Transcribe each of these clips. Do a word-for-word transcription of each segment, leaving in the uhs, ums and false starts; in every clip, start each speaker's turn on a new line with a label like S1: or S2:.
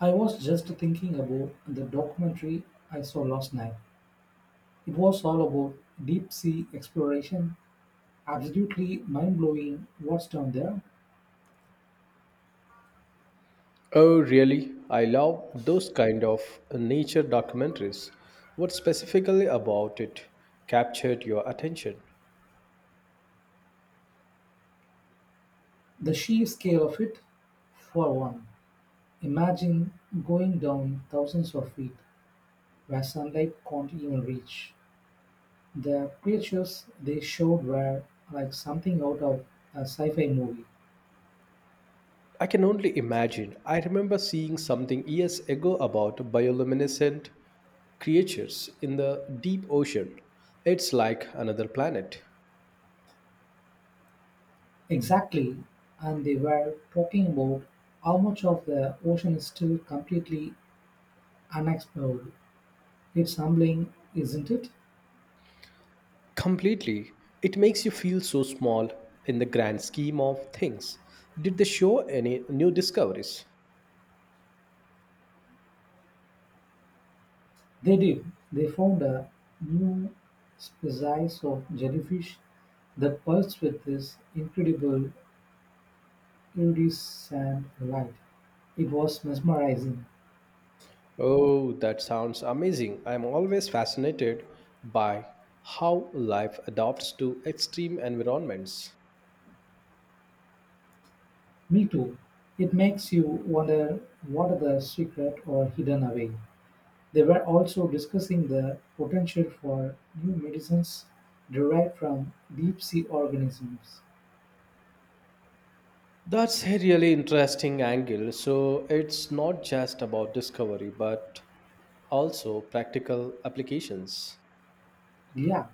S1: I was just thinking about the documentary I saw last night. It was all about deep sea exploration. Absolutely mind blowing what's down there.
S2: Oh, really? I love those kind of nature documentaries. What specifically about it captured your attention?
S1: The sheer scale of it, for one. Imagine going down thousands of feet where sunlight can't even reach. The creatures they showed were like something out of a sci fi movie.
S2: I can only imagine. I remember seeing something years ago about bioluminescent creatures in the deep ocean. It's like another planet.
S1: Exactly. And they were talking about how much of the ocean is still completely unexplored. It's humbling, isn't it?
S2: Completely. It makes you feel so small in the grand scheme of things. Did they show any new discoveries?
S1: They did. They found a new species of jellyfish that pulsed with this incredible iridescent light. It was mesmerizing.
S2: Oh, that sounds amazing. I'm always fascinated by how life adapts to extreme environments.
S1: Me too. It makes you wonder what are the secret or hidden away. They were also discussing the potential for new medicines derived from deep sea organisms.
S2: That's a really interesting angle. So, it's not just about discovery, but also practical applications.
S1: Yeah,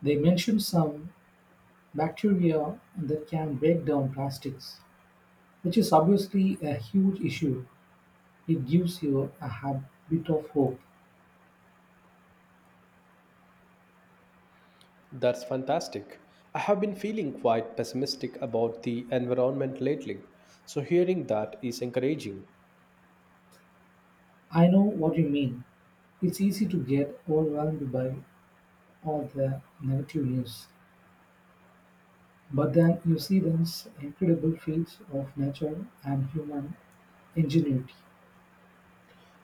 S1: they mentioned some bacteria that can break down plastics, which is obviously a huge issue. It gives you a hab- bit of hope.
S2: That's fantastic. I have been feeling quite pessimistic about the environment lately, so hearing that is encouraging.
S1: I know what you mean. It's easy to get overwhelmed by all the negative news, but then you see these incredible feats of nature and human ingenuity.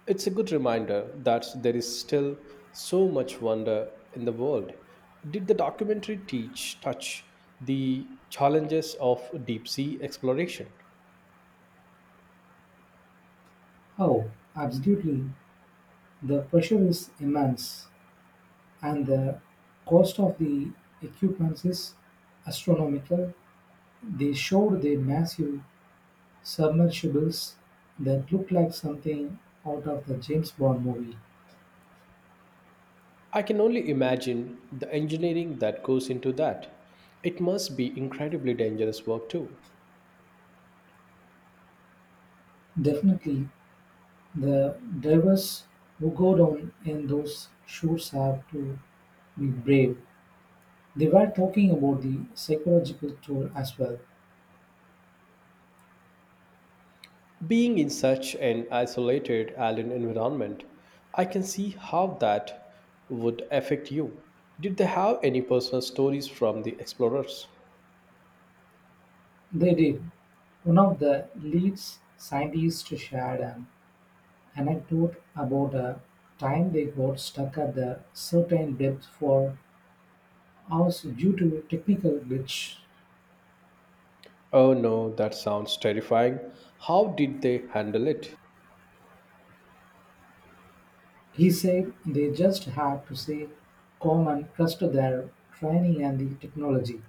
S2: It's a good reminder that there is still so much wonder in the world. Did the documentary teach touch the challenges of deep sea exploration?
S1: Oh, absolutely. The pressure is immense, and the cost of the equipment is astronomical. They showed the massive submersibles that look like something out of the James Bond movie.
S2: I can only imagine the engineering that goes into that. It must be incredibly dangerous work too.
S1: Definitely, the divers who go down in those shoes have to be brave. They were talking about the psychological toll as well.
S2: Being in such an isolated island environment, I can see how that would affect you. Did they have any personal stories from the explorers?
S1: They did. One of the lead scientists shared an anecdote about a time they got stuck at a certain depth for hours due to a technical glitch.
S2: Oh no, that sounds terrifying. How did they handle it?
S1: He said they just had to stay calm and trust their training and the technology.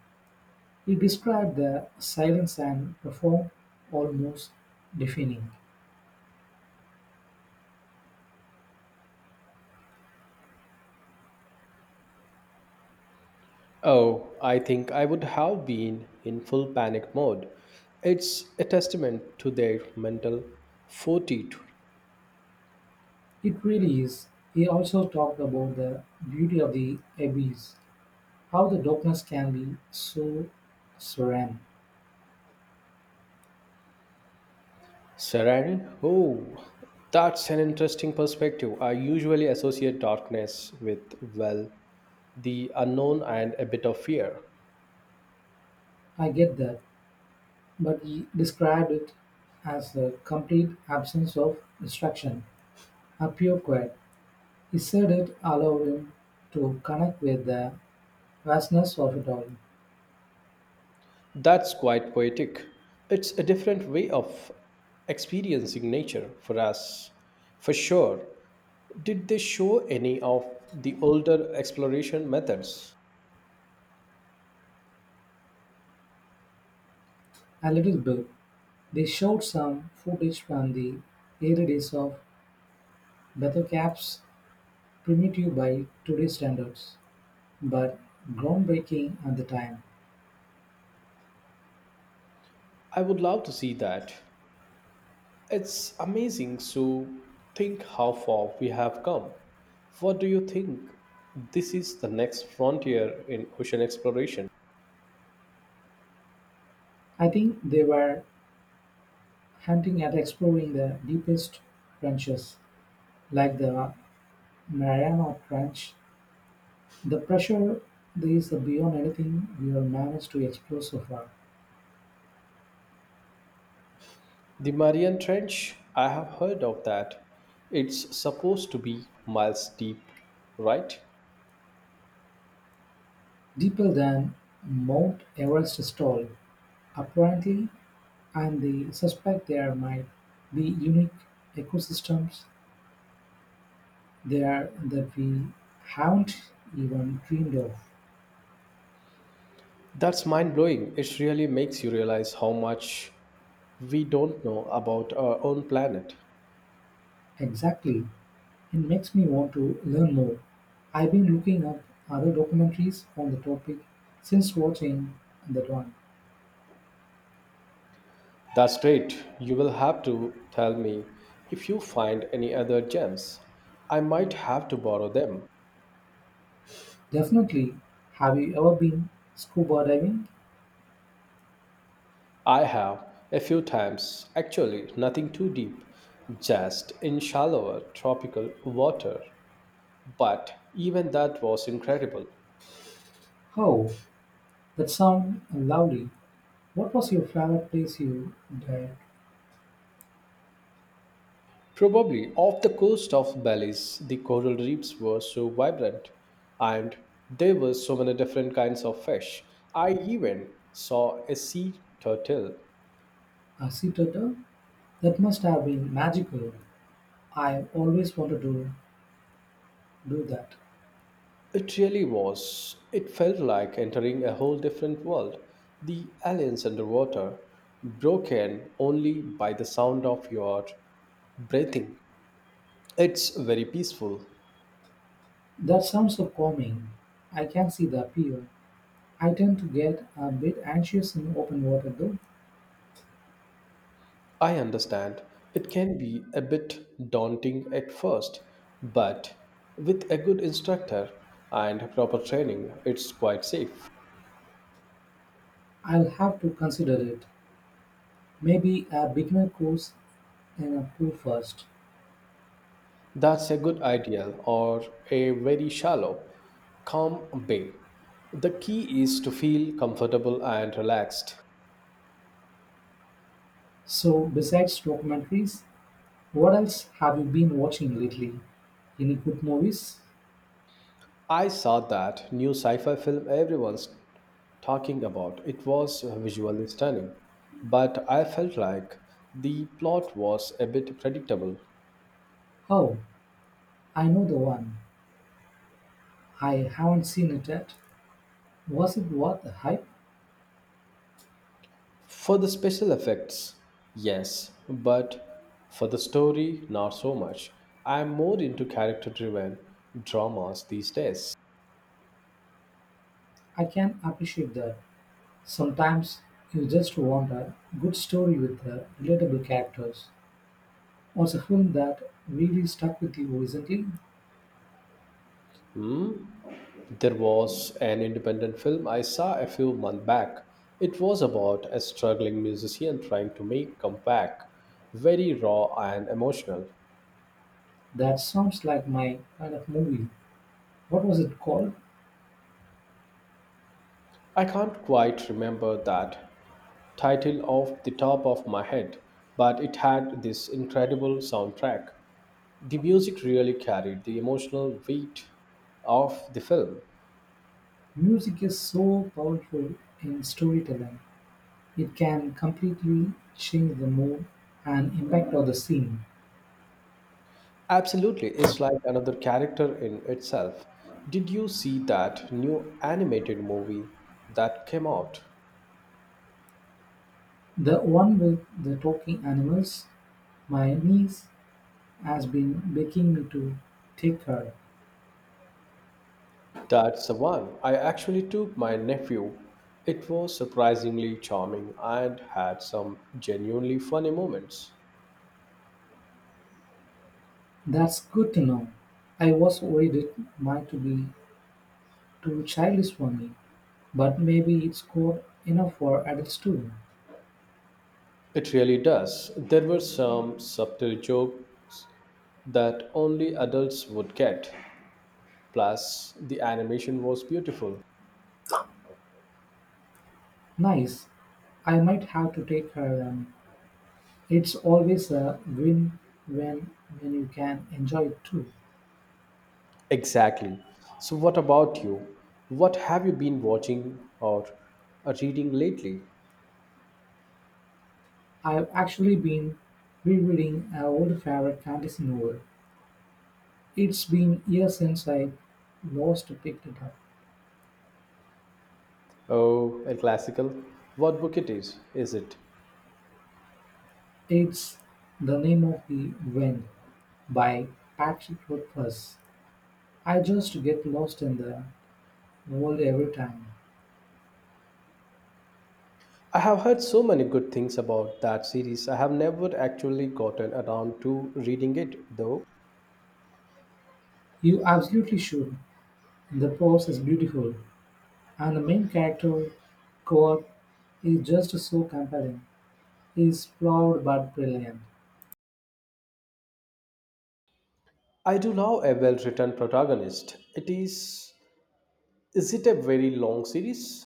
S1: He described the silence and perform almost deafening.
S2: Oh, I think I would have been in full panic mode. It's a testament to their mental fortitude.
S1: It really is. He also talked about the beauty of the abyss, how the darkness can be so serene.
S2: Serenity? Oh, that's an interesting perspective. I usually associate darkness with, well, the unknown and a bit of fear.
S1: I get that, but he described it as a complete absence of distraction, a pure quiet. He said it allowed him to connect with the vastness of it all.
S2: That's quite poetic. It's a different way of experiencing nature for us, for sure. Did they show any of the older exploration methods?
S1: A little bit. They showed some footage from the early days of Battlecap's primitive by today's standards, but groundbreaking at the time.
S2: I would love to see that. It's amazing to think how far we have come. What do you think? This is the next frontier in ocean exploration.
S1: I think they were hunting at exploring the deepest trenches, like the Mariana Trench. The pressure there is beyond anything we have managed to explore so far,
S2: The Marian Trench, I have heard of that. It's supposed to be miles deep, right?
S1: deeper than Mount Everest is tall. Apparently, and they suspect there might be unique ecosystems there that we haven't even dreamed of.
S2: That's mind blowing. It really makes you realize how much we don't know about our own planet.
S1: Exactly. It makes me want to learn more. I've been looking up other documentaries on the topic since watching that one.
S2: That's great. You will have to tell me if you find any other gems. I might have to borrow them.
S1: Definitely. Have you ever been scuba diving?
S2: I have a few times, actually, nothing too deep, just in shallower tropical water. But even that was incredible.
S1: Oh, that sounds lovely. What was your favorite place you dived?
S2: Probably off the coast of Belize, the coral reefs were so vibrant, and there were so many different kinds of fish. I even saw a sea turtle.
S1: A sea turtle? That must have been magical. I always wanted to do that.
S2: It really was. It felt like entering a whole different world. The aliens underwater, broken only by the sound of your breathing. It's very peaceful.
S1: That sounds so calming. I can see the appeal. I tend to get a bit anxious in open water though.
S2: I understand. It can be a bit daunting at first, but with a good instructor and proper training, it's quite safe.
S1: I'll have to consider it. Maybe a beginner course in a pool first.
S2: That's a good idea, or a very shallow, calm bay. The key is to feel comfortable and relaxed.
S1: So, besides documentaries, what else have you been watching lately? Any good movies?
S2: I saw that new sci fi film everyone's talking about. It was visually stunning, but I felt like the plot was a bit predictable.
S1: Oh, I know the one. I haven't seen it yet. Was it worth the hype?
S2: For the special effects, yes, but for the story, not so much. I'm more into character driven dramas these days.
S1: I can appreciate that. Sometimes you just want a good story with uh, relatable characters. Was a film that really stuck with you recently?
S2: Hmm? There was an independent film I saw a few months back. It was about a struggling musician trying to make comeback, very raw and emotional.
S1: That sounds like my kind of movie. What was it called?
S2: I can't quite remember that title off the top of my head, but it had this incredible soundtrack. The music really carried the emotional weight of the film.
S1: Music is so powerful in storytelling. It can completely change the mood and impact of the scene.
S2: Absolutely, it's like another character in itself. Did you see that new animated movie that came out?
S1: The one with the talking animals, my niece has been begging me to take her.
S2: That's the one. I actually took my nephew. It was surprisingly charming and had some genuinely funny moments.
S1: That's good to know. I was worried it might be too childish for me, but maybe it's good enough for adults too.
S2: It really does. There were some subtle jokes that only adults would get. Plus, the animation was beautiful.
S1: Nice. I might have to take her then. It's always a win when when you can enjoy it too.
S2: Exactly. So, what about you? What have you been watching or uh, reading lately?
S1: I've actually been rereading an old favorite fantasy novel. It's been years since I lost picked it up.
S2: Oh, a classical. What book it is? Is it?
S1: It's The Name of the Wind by Patrick Rothfuss. I just get lost in the world every time.
S2: I have heard so many good things about that series. I have never actually gotten around to reading it though.
S1: You absolutely should. The prose is beautiful, and the main character, Core, is just so compelling. He's flawed but brilliant.
S2: I do love a well-written protagonist. It is is it a very long series?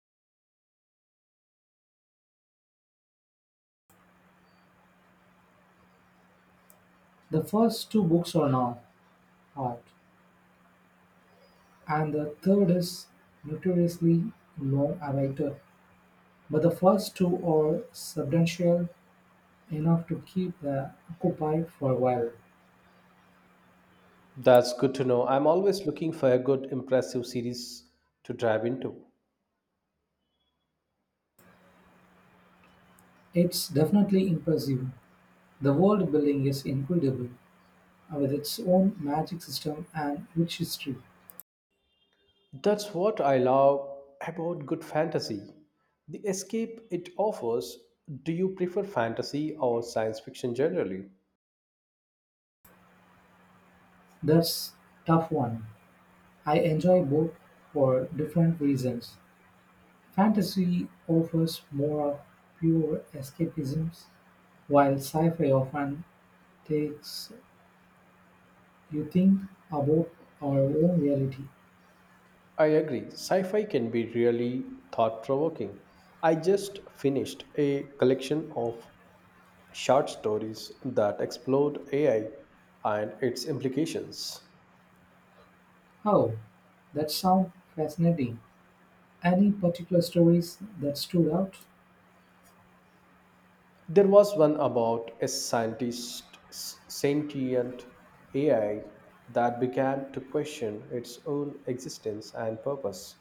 S1: The first two books are now art, and the third is notoriously long awaited. But the first two are substantial enough to keep the occupied for a while.
S2: That's good to know. I'm always looking for a good impressive series to dive into.
S1: It's definitely impressive. The world building is incredible, with its own magic system and rich history.
S2: That's what I love about good fantasy. The escape it offers. Do you prefer fantasy or science fiction generally?
S1: That's tough one. I enjoy both for different reasons. Fantasy offers more of pure escapism, while sci fi often takes you think about our own reality.
S2: I agree. Sci fi can be really thought provoking. I just finished a collection of short stories that explored A I and its implications.
S1: Oh, that sounds fascinating. Any particular stories that stood out?
S2: There was one about a scientist, s- sentient A I that began to question its own existence and purpose.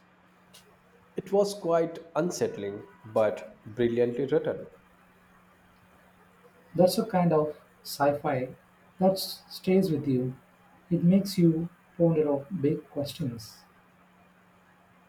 S2: It was quite unsettling but brilliantly written.
S1: That's a kind of sci fi that s- stays with you. It makes you ponder of big questions.